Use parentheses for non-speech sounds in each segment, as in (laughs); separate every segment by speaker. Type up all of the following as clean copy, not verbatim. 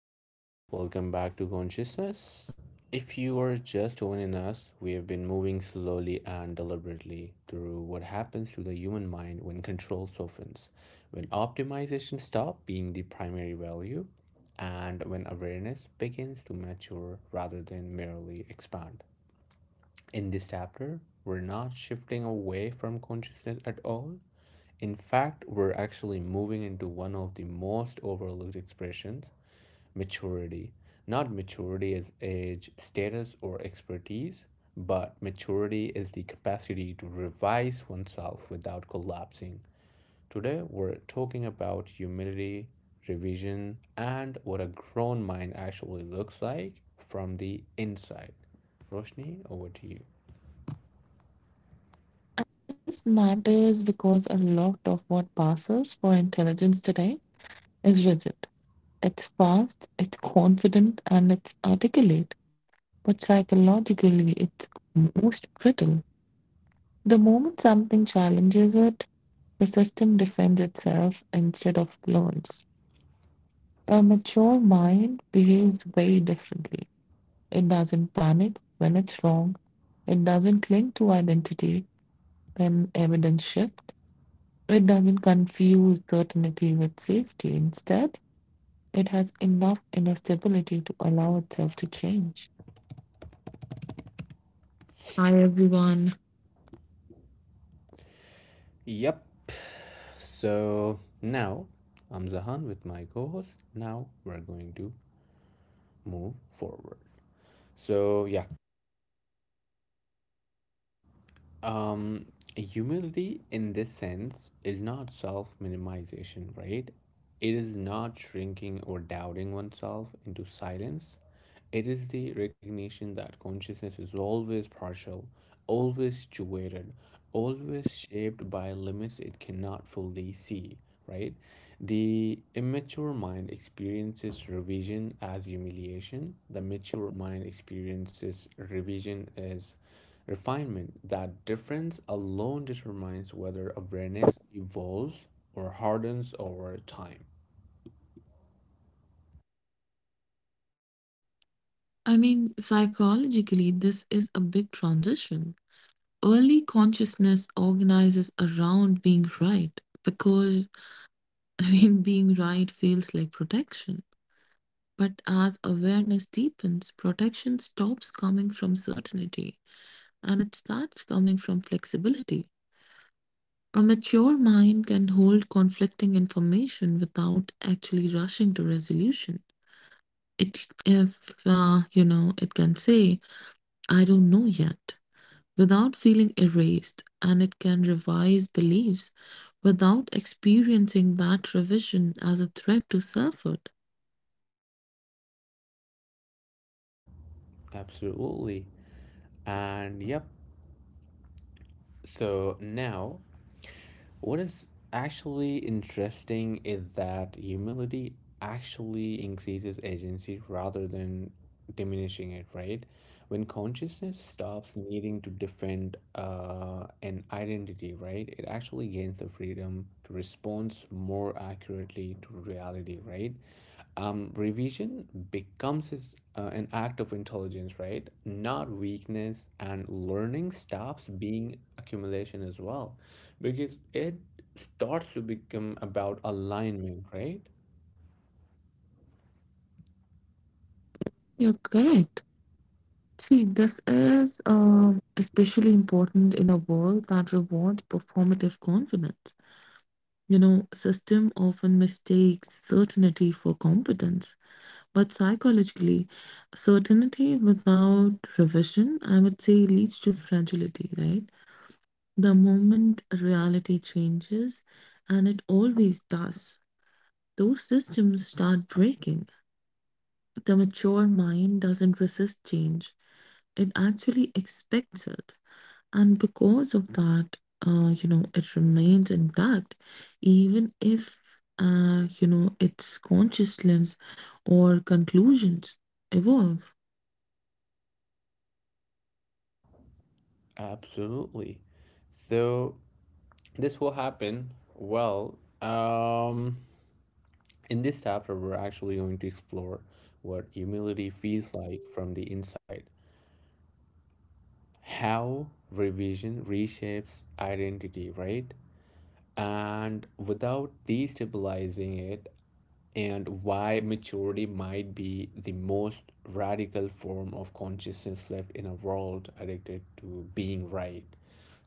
Speaker 1: everyone. Welcome back to Consciousness. If you are just joining us, we have been moving slowly and deliberately through what happens to the human mind when control softens, when optimization stops being the primary value, and when awareness begins to mature rather than merely expand. In this chapter, we're not shifting away from consciousness at all. In fact, we're actually moving into one of the most overlooked expressions, maturity. Not maturity as age, status, or expertise, but maturity is the capacity to revise oneself without collapsing. Today, we're talking about humility, revision, and what a grown mind actually looks like from the inside. Roshni, over to you.
Speaker 2: This matters because a lot of what passes for intelligence today is rigid. It's fast, it's confident, and it's articulate, but psychologically it's most brittle. The moment something challenges it, the system defends itself instead of learns. A mature mind behaves very differently. It doesn't panic when it's wrong, it doesn't cling to identity when evidence shifts. It doesn't confuse certainty with safety. Instead, it has enough inner stability to allow itself to change. Hi, everyone.
Speaker 1: Yep. So now, I'm Zahan with my co host. Now we're going to move forward. So, yeah. Um, Humility in this sense is not self minimization, right? It is not shrinking or doubting oneself into silence. It is the recognition that consciousness is always partial, always situated, always shaped by limits it cannot fully see, right? The immature mind experiences revision as humiliation. The mature mind experiences revision as refinement. That difference alone determines whether awareness evolves or hardens over time.
Speaker 2: I mean, psychologically, this is a big transition. Early consciousness organizes around being right because, (laughs) being right feels like protection. But as awareness deepens, protection stops coming from certainty and it starts coming from flexibility. A mature mind can hold conflicting information without actually rushing to resolution. It can say, "I don't know yet," without feeling erased, and it can revise beliefs without experiencing that revision as a threat to selfhood.
Speaker 1: Absolutely. And yep. So now, what is actually interesting is that humility actually increases agency rather than diminishing it, right? When consciousness stops needing to defend an identity, right, it actually gains the freedom to respond more accurately to reality, right? Revision becomes is- an act of intelligence, right? Not weakness, and learning stops being accumulation as well, because it starts to become about alignment, right?
Speaker 2: You're correct. See, this is especially important in a world that rewards performative confidence. System often mistakes certainty for competence, but psychologically, certainty without revision, I would say, leads to fragility, right? The moment reality changes, and it always does, those systems start breaking. The mature mind doesn't resist change, it actually expects it. And because of that, it remains intact, even if, its consciousness or conclusions evolve.
Speaker 1: Absolutely. So this will happen. Well, in this chapter, we're actually going to explore what humility feels like from the inside, how revision reshapes identity, right, and without destabilizing it, and why maturity might be the most radical form of consciousness left in a world addicted to being right.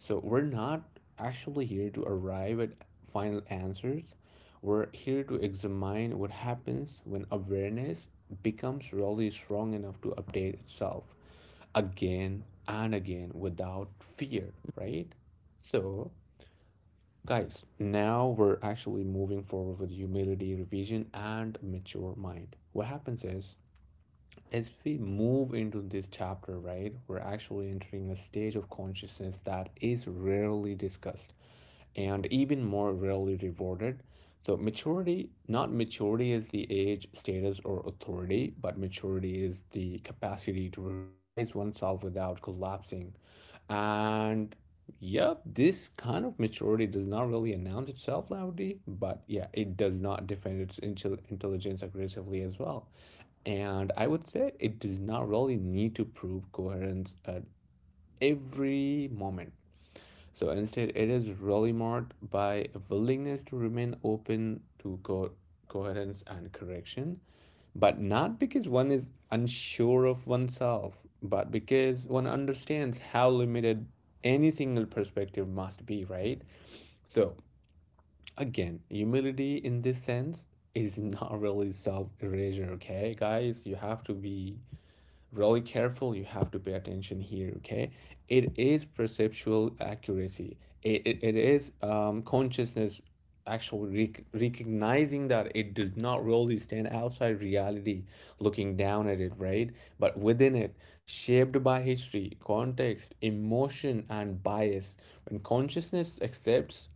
Speaker 1: So, we're not actually here to arrive at final answers, we're here to examine what happens when awareness becomes really strong enough to update itself again and again without fear, right? So, guys, now we're actually moving forward with humility, revision, and mature mind. What happens is, as we move into this chapter, right, we're actually entering a stage of consciousness that is rarely discussed and even more rarely rewarded. So, maturity, not maturity is the age, status, or authority, but maturity is the capacity to revise oneself without collapsing. And yep, this kind of maturity does not really announce itself loudly, but yeah, it does not defend its intelligence aggressively as well. And I would say it does not really need to prove coherence at every moment. So instead, it is really marked by a willingness to remain open to coherence and correction, but not because one is unsure of oneself, but because one understands how limited any single perspective must be, right? So, again, humility in this sense is (laughs) not really self erasure, okay, guys? You have to be really careful. You have to pay attention here, okay? It is perceptual accuracy. It is consciousness actually recognizing that it does not really stand outside reality, looking down at it, right, but within it, shaped by history, context, emotion, and bias. When consciousness accepts,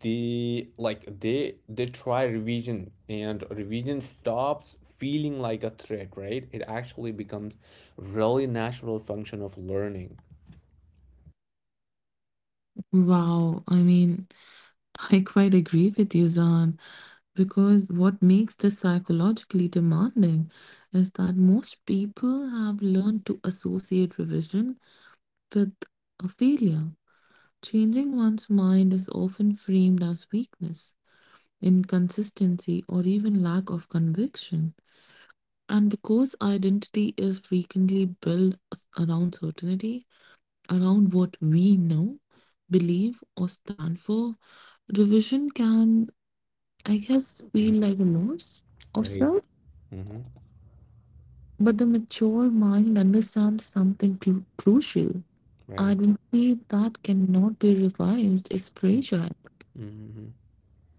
Speaker 1: they like they try revision, and revision stops feeling like a threat, right? It actually becomes really natural function of learning.
Speaker 2: Wow, (laughs) I quite agree with you, Zan, because what makes this psychologically demanding is that most people have learned to associate revision with a failure. Changing one's mind is often framed as weakness, inconsistency, or even lack of conviction. And because identity is frequently built around certainty, around what we know, believe, or stand for, revision can, I guess, feel
Speaker 1: Mhm.
Speaker 2: like a loss of
Speaker 1: Right.
Speaker 2: self.
Speaker 1: Mm-hmm.
Speaker 2: But the mature mind understands something crucial.
Speaker 1: Right.
Speaker 2: Identity that cannot be revised is fragile.
Speaker 1: Mm-hmm.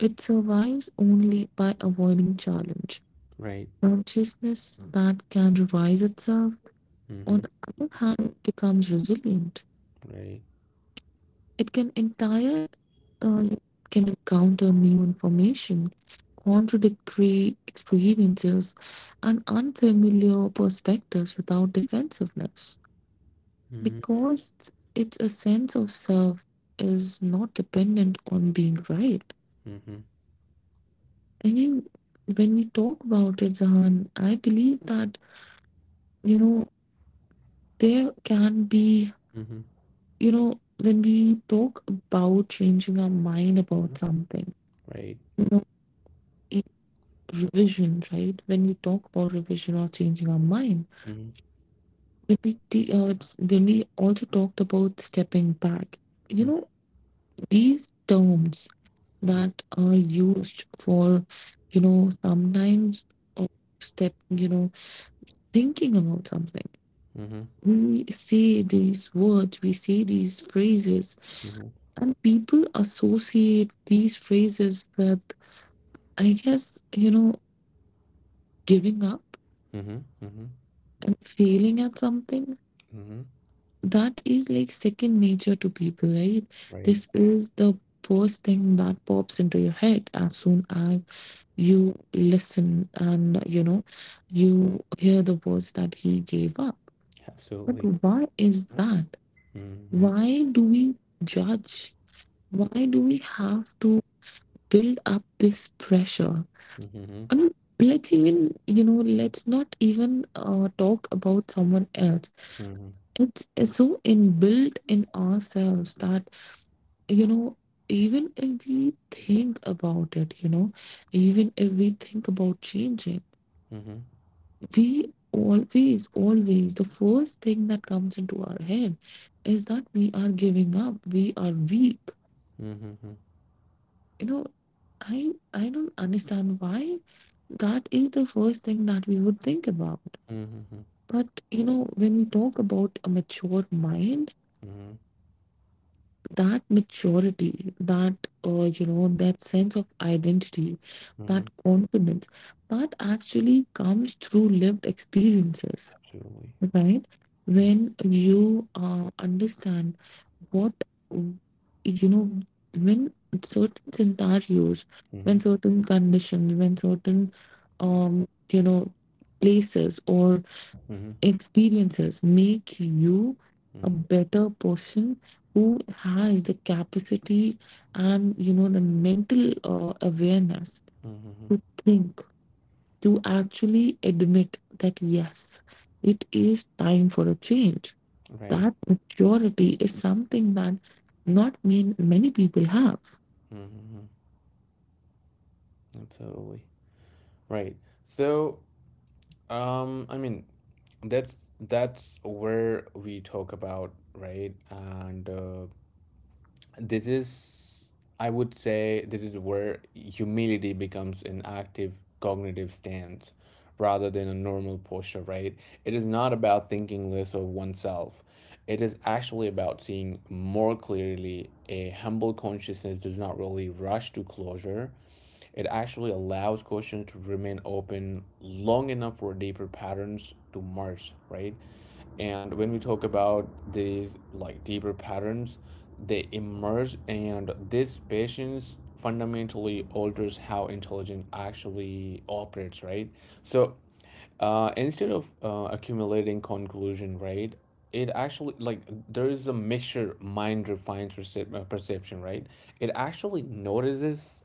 Speaker 2: It survives only by avoiding challenge.
Speaker 1: Right.
Speaker 2: Consciousness that can revise itself, on
Speaker 1: Mm-hmm.
Speaker 2: the other hand, becomes resilient.
Speaker 1: Right.
Speaker 2: It uh, can encounter new information, contradictory experiences, and unfamiliar perspectives without defensiveness,
Speaker 1: Mm-hmm.
Speaker 2: because it's a sense of self is not dependent on being right.
Speaker 1: Mm-hmm.
Speaker 2: I mean, when we talk about it, Zahan, I believe that you know there can be,
Speaker 1: Mm-hmm.
Speaker 2: you know, when we talk about changing our mind about something,
Speaker 1: Right.
Speaker 2: you know, in revision, right? When we talk about revision or changing our mind,
Speaker 1: Mm-hmm.
Speaker 2: when we also talked about stepping back, you know, these terms
Speaker 1: Mm-hmm.
Speaker 2: that are used for, sometimes of step, you know, thinking about something.
Speaker 1: Mm-hmm.
Speaker 2: We say these words, we say these phrases.
Speaker 1: Mm-hmm.
Speaker 2: And people associate these phrases with, I guess, giving up
Speaker 1: Mm-hmm. Mm-hmm.
Speaker 2: and failing at something.
Speaker 1: Mm-hmm.
Speaker 2: That is like second nature to people, right?
Speaker 1: Right.
Speaker 2: This is the first thing that pops into your head as soon as you listen and, you hear the words that he gave up. But
Speaker 1: Absolutely.
Speaker 2: why is that?
Speaker 1: Mm-hmm.
Speaker 2: Why do we judge? Why do we have to build up this pressure?
Speaker 1: Mm-hmm.
Speaker 2: I mean, let's not even talk about someone else.
Speaker 1: Mm-hmm.
Speaker 2: It's so inbuilt in ourselves that, you know, even if we think about it, even if we think about changing,
Speaker 1: Mm-hmm. Mm-hmm.
Speaker 2: we always, always, the first thing that comes into our head is that we are giving up, we are weak.
Speaker 1: Mm-hmm.
Speaker 2: You know, I don't understand why that is the first thing that we would think about.
Speaker 1: Mm-hmm.
Speaker 2: But when we talk about a mature mind,
Speaker 1: Mm-hmm.
Speaker 2: that maturity, that that sense of identity,
Speaker 1: Mm-hmm.
Speaker 2: that confidence, that actually comes through lived experiences,
Speaker 1: Absolutely.
Speaker 2: right? When you understand what w- you know, when certain scenarios,
Speaker 1: Mm-hmm.
Speaker 2: when certain conditions, when certain um, you know, places or
Speaker 1: Mm-hmm.
Speaker 2: experiences make you a
Speaker 1: Mm-hmm.
Speaker 2: better person who has the capacity and the mental awareness
Speaker 1: Mm-hmm.
Speaker 2: to think, to actually admit that yes, it is time for a change,
Speaker 1: Right.
Speaker 2: that maturity is something that not mean many people have.
Speaker 1: Mm-hmm. Absolutely. Right. So, I mean, that's where we talk about, right? And this is, I would say, this is where humility becomes an active cognitive stance rather than a normal posture, right? It is not about thinking less of oneself. It is actually about seeing more clearly. A humble consciousness does not really rush to closure. It actually allows questions to remain open long enough for deeper patterns to merge, right? And when we talk about these like deeper patterns, they emerge, and this patience fundamentally alters how intelligence actually operates, right? So, instead of accumulating conclusion, right? It actually, like, there is a mixture mind refines perception, right? It actually notices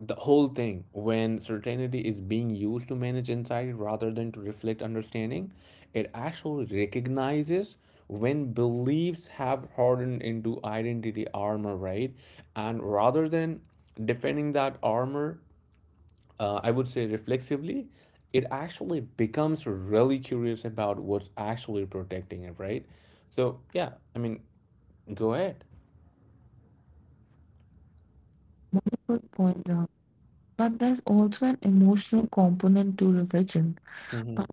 Speaker 1: the whole thing. When certainty is being used to manage anxiety rather than to reflect understanding, it actually recognizes when beliefs have hardened into identity armor, right? And rather than defending that armor, I would say, reflexively, it actually becomes really curious about what's actually protecting it, right? So, yeah, I mean, go ahead.
Speaker 2: Good point, Dhruv. But there's also an emotional component to religion
Speaker 1: Mm-hmm.
Speaker 2: but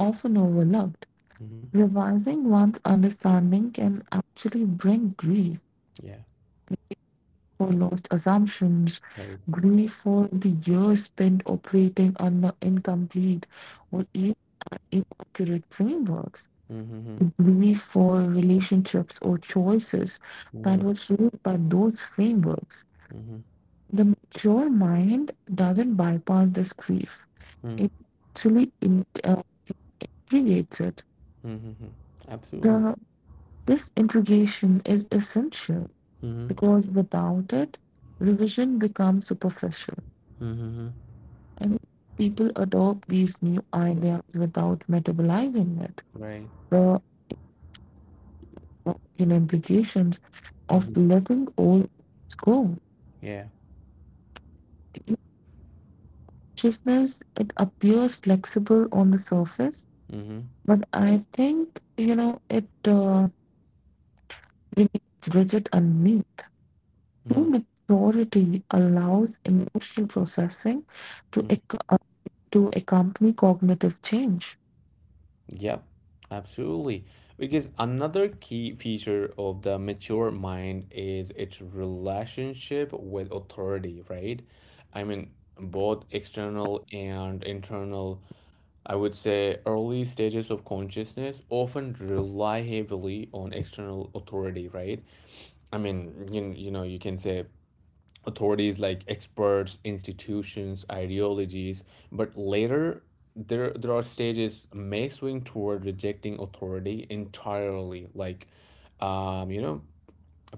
Speaker 2: often overlooked.
Speaker 1: Mm-hmm.
Speaker 2: Revising one's understanding can actually bring grief
Speaker 1: Yeah,
Speaker 2: for lost assumptions,
Speaker 1: right.
Speaker 2: grief for the years spent operating under incomplete or even inaccurate frameworks,
Speaker 1: Mm-hmm.
Speaker 2: grief for relationships or choices
Speaker 1: Mm-hmm.
Speaker 2: that were shaped by those frameworks.
Speaker 1: Mm-hmm.
Speaker 2: The mature mind doesn't bypass this grief, it actually integrates it.
Speaker 1: Mhm. Absolutely.
Speaker 2: The, this integration is essential
Speaker 1: Mhm.
Speaker 2: because without it, revision becomes superficial
Speaker 1: Mhm.
Speaker 2: and people adopt these new ideas without metabolizing it.
Speaker 1: Right.
Speaker 2: The in implications of
Speaker 1: Mhm.
Speaker 2: letting old things go.
Speaker 1: Yeah.
Speaker 2: In consciousness, it appears flexible on the surface,
Speaker 1: Mhm.
Speaker 2: but I think, it remains rigid underneath. True
Speaker 1: Mhm.
Speaker 2: maturity allows emotional processing to,
Speaker 1: Mhm.
Speaker 2: ac- uh, to accompany cognitive change.
Speaker 1: Yep. Absolutely. Because another key feature of the mature mind is its relationship with authority, right? I mean, both external and internal, I would say early stages of consciousness often rely heavily on external authority, right? I mean, you can say authorities like experts, institutions, ideologies, but later, there are stages may swing toward rejecting authority entirely, like, um, you know,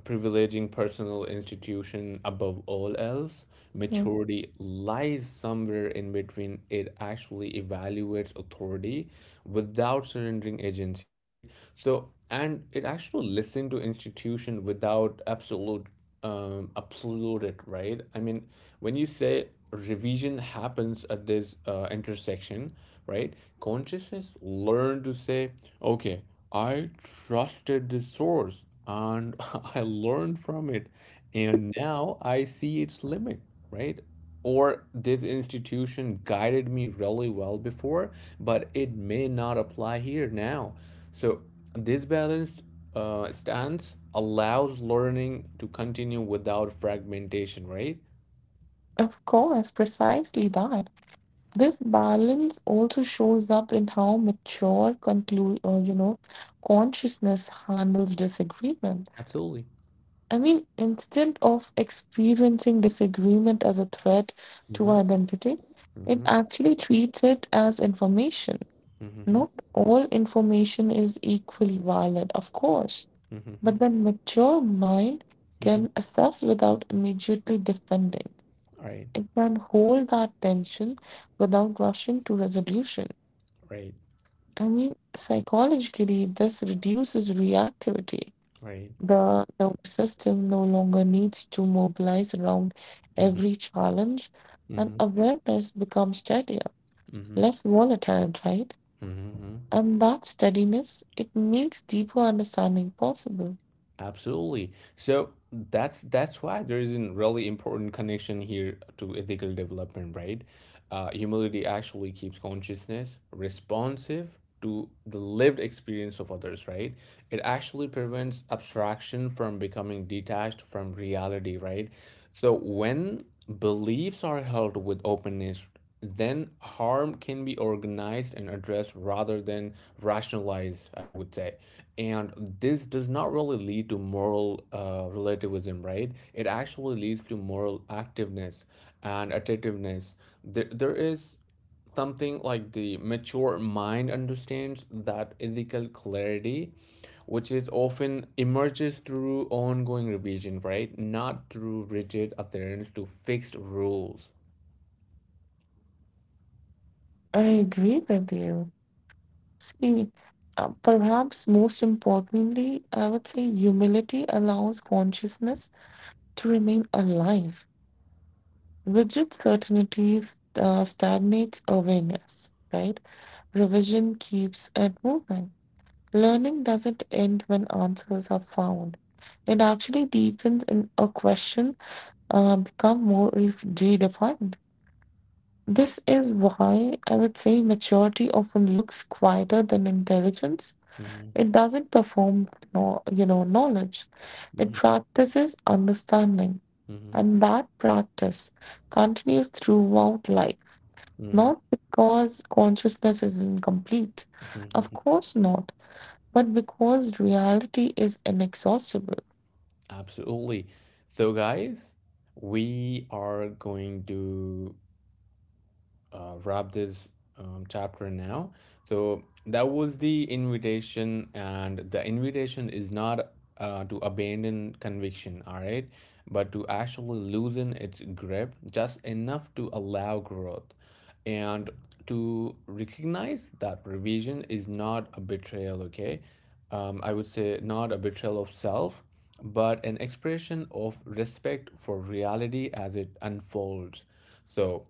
Speaker 1: privileging personal institution above all else.
Speaker 2: Yeah.
Speaker 1: Maturity lies somewhere in between. It actually evaluates authority without surrendering agency, right? So, and it actually listens to institution without absolute it, right. I mean, when you say revision happens at this intersection, right, consciousness learn to say, okay, I trusted this source, and (laughs) I learned from it. And now I see its limit, right? Or this institution guided me really well before, but it may not apply here now. So, this balanced stance allows learning to continue without fragmentation, right?
Speaker 2: Of course, precisely that. This balance also shows up in how mature conclude or you know consciousness handles disagreement.
Speaker 1: Absolutely.
Speaker 2: I mean, instead of experiencing disagreement as a threat to
Speaker 1: Mm-hmm.
Speaker 2: identity, it
Speaker 1: Mm-hmm.
Speaker 2: actually treats it as information. Not
Speaker 1: Mm-hmm.
Speaker 2: all information is equally valid, of course,
Speaker 1: Mm-hmm.
Speaker 2: but the mature mind
Speaker 1: Mm-hmm.
Speaker 2: can assess without immediately defending.
Speaker 1: Right.
Speaker 2: It can hold that tension without rushing to resolution.
Speaker 1: Right.
Speaker 2: I mean, psychologically, this reduces reactivity.
Speaker 1: Right.
Speaker 2: The nervous system no longer needs to mobilize around
Speaker 1: Mm-hmm.
Speaker 2: every challenge, and
Speaker 1: Mm-hmm.
Speaker 2: awareness becomes steadier,
Speaker 1: Mm-hmm. Mm-hmm.
Speaker 2: less volatile, right?
Speaker 1: Mm-hmm.
Speaker 2: And that steadiness, it makes deeper understanding possible.
Speaker 1: Absolutely. So that's why there is a really important connection here to ethical development, right? Humility actually keeps consciousness responsive to the lived experience of others, right? It actually prevents abstraction from becoming detached from reality, right? So when beliefs are held with openness, then harm can be organized and addressed rather than rationalized, I would say. And this does not really lead to moral relativism, right? It actually leads to moral activeness and attentiveness. There is something like the mature mind understands that ethical clarity, which is often emerges through ongoing revision, right? Not through rigid adherence to fixed rules.
Speaker 2: I agree with you. See, perhaps most importantly, I would say humility allows consciousness to remain alive. Rigid certainties stagnates awareness, right? Revision keeps it moving. Learning doesn't end when answers are found. It actually deepens in a question, become more redefined. This is why I would say maturity often looks quieter than intelligence.
Speaker 1: Mm-hmm.
Speaker 2: It doesn't perform, no, knowledge. It practices understanding,
Speaker 1: Mm-hmm.
Speaker 2: and that practice continues throughout life, not because consciousness is incomplete, of
Speaker 1: Mm-hmm.
Speaker 2: course not, but because reality is inexhaustible.
Speaker 1: Absolutely. So, guys, we are going to wrap this chapter now. So that was the invitation, and the invitation is not to abandon conviction, all right, but to actually loosen its grip just enough to allow growth and to recognize that revision is not a betrayal, okay? I would say not a betrayal of self, but an expression of respect for reality as it unfolds. So,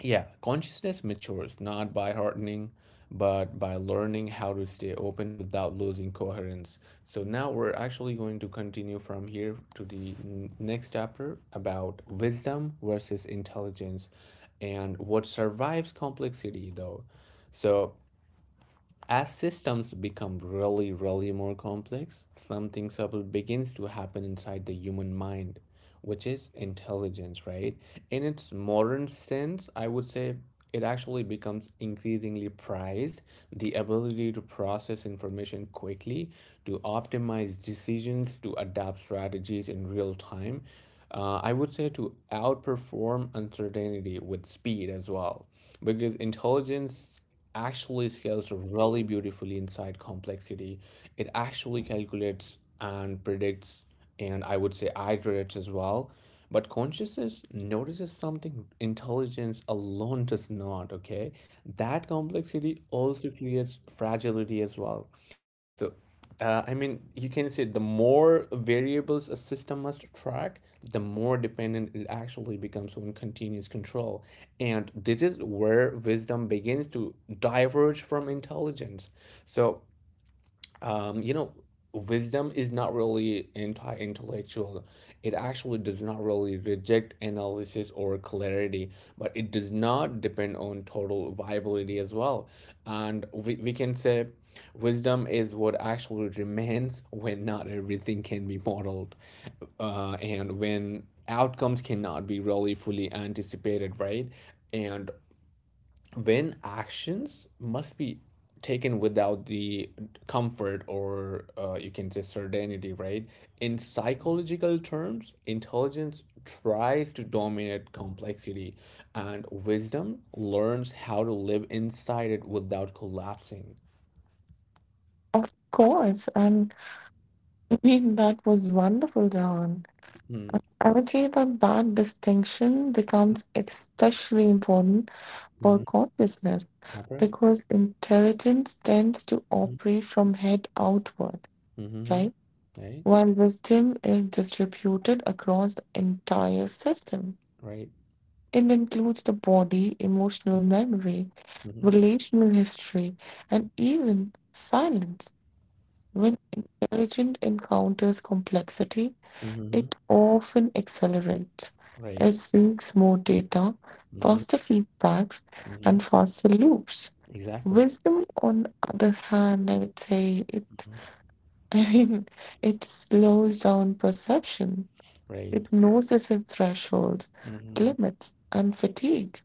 Speaker 1: yeah, consciousness matures not by hardening, but by learning how to stay open without losing coherence. So now we're actually going to continue from here to the next chapter about wisdom versus intelligence and what survives complexity, though. So, as systems become really, really more complex, something subtle begins to happen inside the human mind, which is intelligence, right? In its modern sense, I would say it actually becomes increasingly prized. The ability to process information quickly, to optimize decisions, to adapt strategies in real time. I would say, to outperform uncertainty with speed as well, because intelligence actually scales really beautifully inside complexity. It actually calculates and predicts, and I would say iterates as well. But consciousness notices something intelligence alone does not, okay? That complexity also creates fragility as well. So, I mean, you can say the more variables a system must track, the more dependent it actually becomes on continuous control. And this is where wisdom begins to diverge from intelligence. So, um, you know, wisdom is not really anti intellectual. It actually does not really reject analysis or clarity, but it does not depend on total viability as well. And we can say wisdom is what actually remains when not everything can be modeled, and when outcomes cannot be really fully anticipated, right? And when actions must be taken without the comfort or, you can say, certainty, right? In psychological terms, intelligence tries to dominate complexity, and wisdom learns how to live inside it without collapsing.
Speaker 2: Of course, and that was wonderful, Jahan. I would say that that distinction becomes especially important for
Speaker 1: Mm-hmm.
Speaker 2: consciousness
Speaker 1: Upright.
Speaker 2: because intelligence tends to operate from head outward,
Speaker 1: Mm-hmm.
Speaker 2: right?
Speaker 1: Right.
Speaker 2: While wisdom is distributed across the entire system,
Speaker 1: Right.
Speaker 2: it includes the body, emotional memory,
Speaker 1: Mm-hmm.
Speaker 2: relational history, and even silence. When intelligence encounters complexity,
Speaker 1: Mm-hmm.
Speaker 2: it often accelerates.
Speaker 1: Right.
Speaker 2: It seeks more data,
Speaker 1: Mm-hmm.
Speaker 2: faster feedbacks,
Speaker 1: Mm-hmm.
Speaker 2: and faster loops.
Speaker 1: Exactly.
Speaker 2: Wisdom, on the other hand, I would say it,
Speaker 1: Mhm.
Speaker 2: (laughs) I mean, it slows down perception.
Speaker 1: Right.
Speaker 2: It knows its thresholds,
Speaker 1: Mm-hmm.
Speaker 2: limits, and fatigue.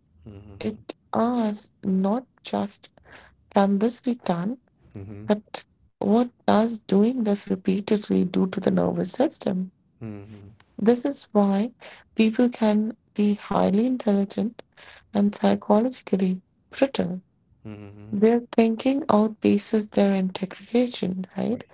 Speaker 2: It
Speaker 1: Mm-hmm.
Speaker 2: asks not just, can this be done,
Speaker 1: Mm-hmm.
Speaker 2: but what does doing this repeatedly do to the nervous system?
Speaker 1: Mhm.
Speaker 2: This is why people can be highly intelligent and psychologically brittle.
Speaker 1: Mhm.
Speaker 2: Their thinking outpaces their integration, right?
Speaker 1: Right.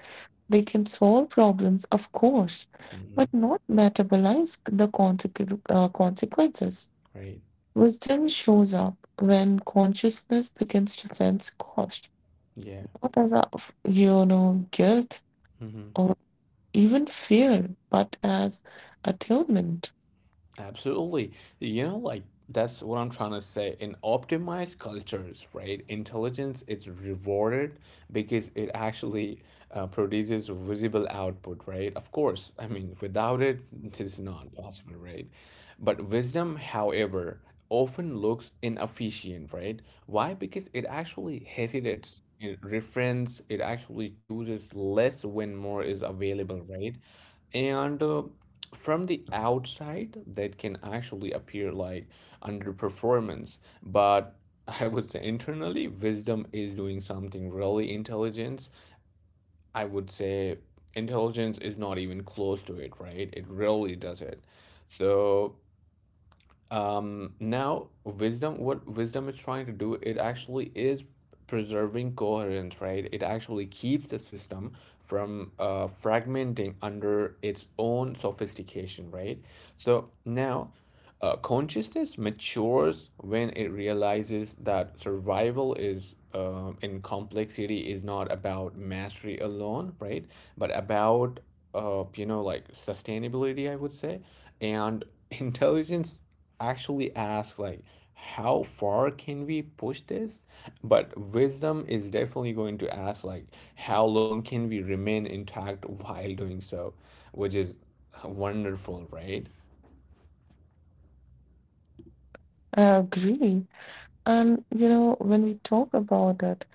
Speaker 2: They can solve problems, of course,
Speaker 1: Mhm.
Speaker 2: but not metabolize the consequences.
Speaker 1: Great.
Speaker 2: Wisdom shows up when consciousness begins to sense cost,
Speaker 1: Yeah.
Speaker 2: not as a guilt
Speaker 1: Mhm.
Speaker 2: or even fear, but as attunement.
Speaker 1: Absolutely. You know, like, that's what I'm trying to say. In optimized cultures, right, intelligence is rewarded because it actually produces visible output, right? Of course, I mean, without it, it is not possible, right? But wisdom, however, often looks inefficient, right? Why? Because it actually hesitates. It refrains, it actually chooses less when more is available, right? And from the outside that can actually appear like underperformance, but (laughs) I would say internally wisdom is doing something really intelligent. I would say intelligence is not even close to it, right? It really does it. So now, wisdom, what wisdom is trying to do, it actually is preserving coherence, right? It actually keeps the system from fragmenting under its own sophistication, right? So now, consciousness matures when it realizes that survival is, in complexity, is not about mastery alone, right? But about you know, like sustainability, I would say, and (laughs) intelligence actually ask like how far can we push this, but wisdom is definitely going to ask like how long can we remain intact while doing so, which is wonderful, right?
Speaker 2: I agree. And when we talk about it,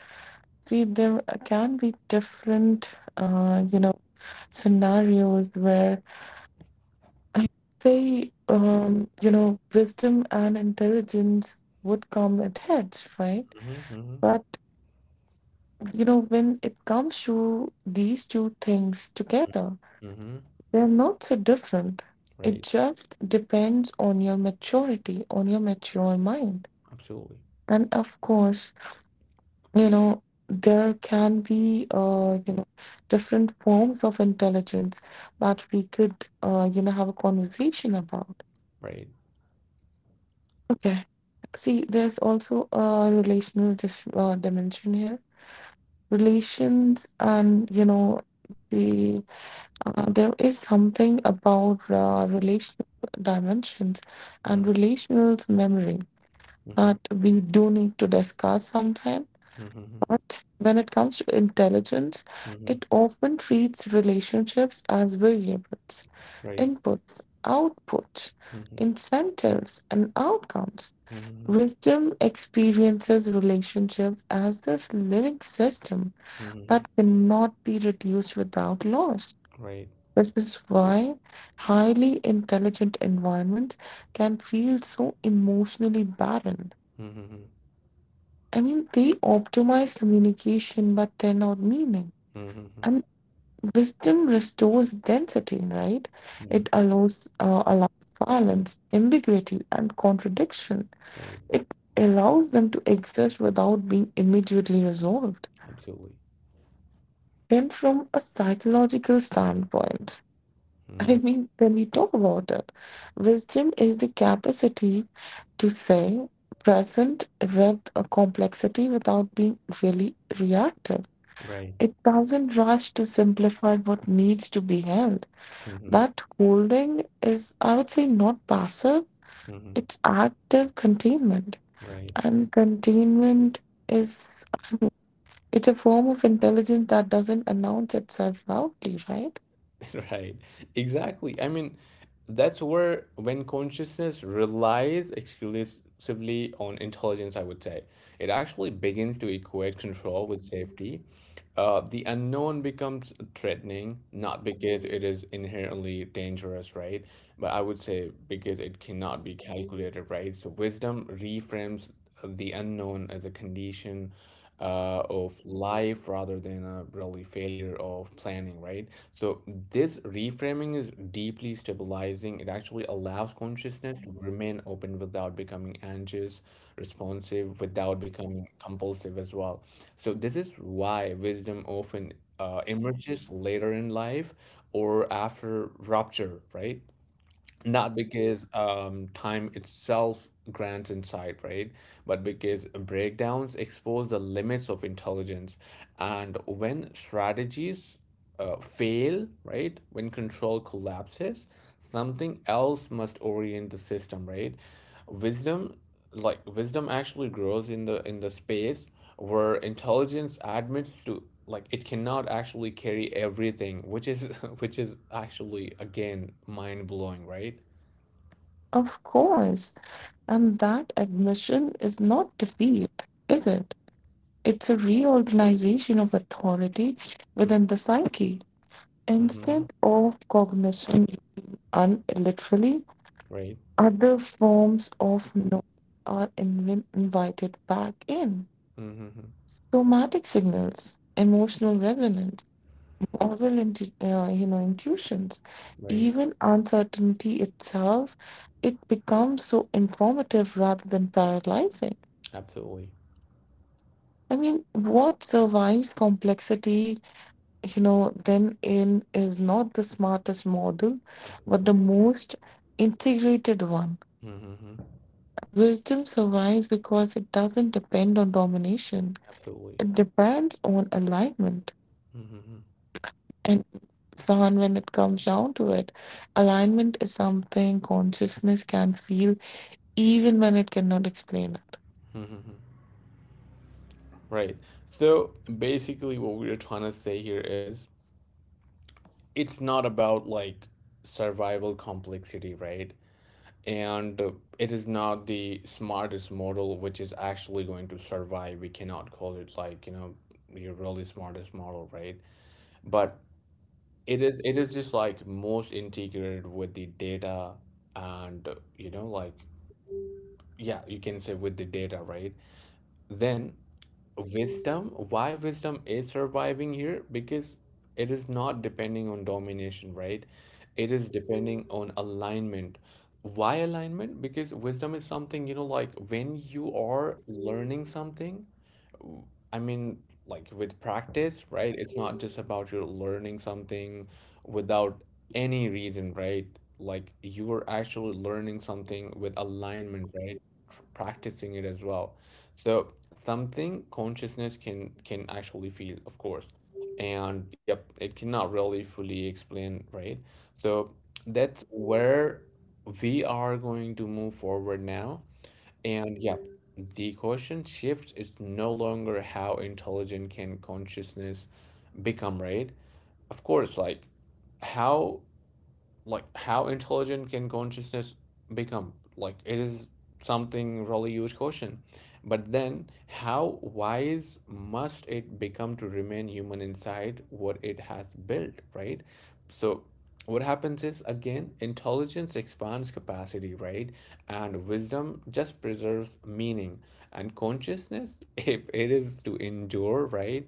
Speaker 2: see, there can be different uh, you know scenarios where I say wisdom and intelligence would come at heads, right?
Speaker 1: Hmm. Hmm.
Speaker 2: But when it comes to these two things together,
Speaker 1: Hmm.
Speaker 2: they're not so different. It
Speaker 1: Right.
Speaker 2: just depends on your maturity, on your mature mind.
Speaker 1: Absolutely.
Speaker 2: And of course, you know, there can be, different forms of intelligence that we could, have a conversation about.
Speaker 1: Right.
Speaker 2: Okay. See, there's also a relational dimension here. Relations and, you know, the There is something about relational dimensions
Speaker 1: Mm-hmm.
Speaker 2: and relational memory
Speaker 1: Mm-hmm.
Speaker 2: that we do need to discuss sometime.
Speaker 1: Mm-hmm.
Speaker 2: But when it comes to intelligence,
Speaker 1: Mm-hmm.
Speaker 2: it often treats relationships as variables,
Speaker 1: Right.
Speaker 2: inputs, outputs,
Speaker 1: Mm-hmm.
Speaker 2: incentives, and outcomes.
Speaker 1: Mm-hmm.
Speaker 2: Wisdom experiences relationships as this living system
Speaker 1: Mm-hmm.
Speaker 2: that cannot be reduced without loss.
Speaker 1: Right.
Speaker 2: This is why highly intelligent environments can feel so emotionally barren.
Speaker 1: Mm-hmm.
Speaker 2: I mean, they optimize communication but they're not meaning.
Speaker 1: Mm-hmm.
Speaker 2: And wisdom restores density, right?
Speaker 1: Mm-hmm.
Speaker 2: It allows silence, ambiguity, and contradiction.
Speaker 1: Right.
Speaker 2: It allows them to exist without being immediately resolved.
Speaker 1: Absolutely.
Speaker 2: Then, from a psychological standpoint,
Speaker 1: Mm-hmm.
Speaker 2: I mean, when we talk about that, wisdom is the capacity to say present with a complexity without being really reactive.
Speaker 1: Right.
Speaker 2: It doesn't rush to simplify what needs to be held.
Speaker 1: Mm-hmm.
Speaker 2: That holding is, I would say, not passive,
Speaker 1: Mm-hmm.
Speaker 2: it's active containment.
Speaker 1: Right.
Speaker 2: And containment is it's a form of intelligence that doesn't announce itself loudly, right?
Speaker 1: (laughs) Right, exactly. I mean, that's where when consciousness relies exclusively on intelligence, I would say, it actually begins to equate control with safety. The unknown becomes threatening, not because it is inherently dangerous, right? But I would say because it cannot be calculated, right? So wisdom reframes the unknown as a condition of life rather than a really failure of planning, right? So this reframing is deeply stabilizing. It actually allows consciousness to remain open without becoming anxious, responsive, without becoming compulsive as well. So this is why wisdom often emerges later in life or after rupture, right? Not because time itself grants insight, right? But because breakdowns expose the limits of intelligence. And when strategies fail, right? When control collapses, something else must orient the system, right? Wisdom, like wisdom actually grows in the space where intelligence admits to like it cannot actually carry everything, which is (laughs) which is actually again mind-blowing, right?
Speaker 2: Of course. And that admission is not defeat, is it? It's a reorganization of authority within the psyche.
Speaker 1: Mm-hmm.
Speaker 2: Instead of cognition and literally,
Speaker 1: Right.
Speaker 2: other forms of knowing are invited back in.
Speaker 1: Mm-hmm.
Speaker 2: Somatic signals, emotional resonance, moral intuitions,
Speaker 1: Right.
Speaker 2: even uncertainty itself, it becomes so informative rather than paralyzing.
Speaker 1: Absolutely.
Speaker 2: I mean, what survives complexity, you know, then in is not the smartest model, but
Speaker 1: Absolutely.
Speaker 2: the most integrated one.
Speaker 1: Mm-hmm.
Speaker 2: Wisdom survives because it doesn't depend on domination,
Speaker 1: Absolutely.
Speaker 2: it depends on alignment.
Speaker 1: Mm-hmm.
Speaker 2: And Sahan, when it comes down to it, alignment is something consciousness can feel even when it cannot explain.
Speaker 1: Mm-hmm. Right. So basically, what we are trying to say here is it's not about like survival complexity, right? And it is not the smartest model which is actually going to survive. We cannot call it like, you know, your really smartest model, right? But it is just like most integrated with the data. And you know, like, yeah, you can say with the data, right? Then wisdom, why wisdom is surviving here? Because it is not depending on domination, right? It is depending on alignment. Why alignment? Because wisdom is something, you know, like when you are learning something, w- I mean, like with practice, right? It's not just about you learning something without any reason, right? Like you are actually learning something with alignment, right? Practicing it as well. So something consciousness can actually feel, of course. And yep, it cannot really fully explain, right? So that's where we are going to move forward now. And yeah, the question shifts. It's no longer how intelligent can consciousness become, right? Of course, like how, like how intelligent can consciousness become, like it is something really huge question. But then how wise must it become to remain human inside what it has built, right? So what happens is, again, intelligence expands capacity, right? And wisdom just preserves meaning. And consciousness (laughs) if it is to endure, right?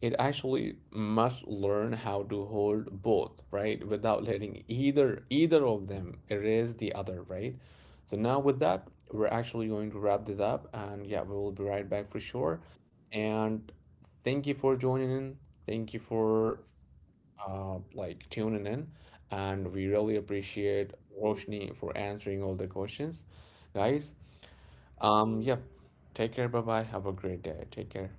Speaker 1: It actually must learn how to hold both, right? Without letting either of them erase the other, right? So now with that, we're actually going to wrap this up, and yeah, we will be right back for sure. And thank you for joining in. Thank you for like tuning in. And we really appreciate Roshni for answering all the questions, guys. Yeah, take care. Bye bye. Have a great day. Take care.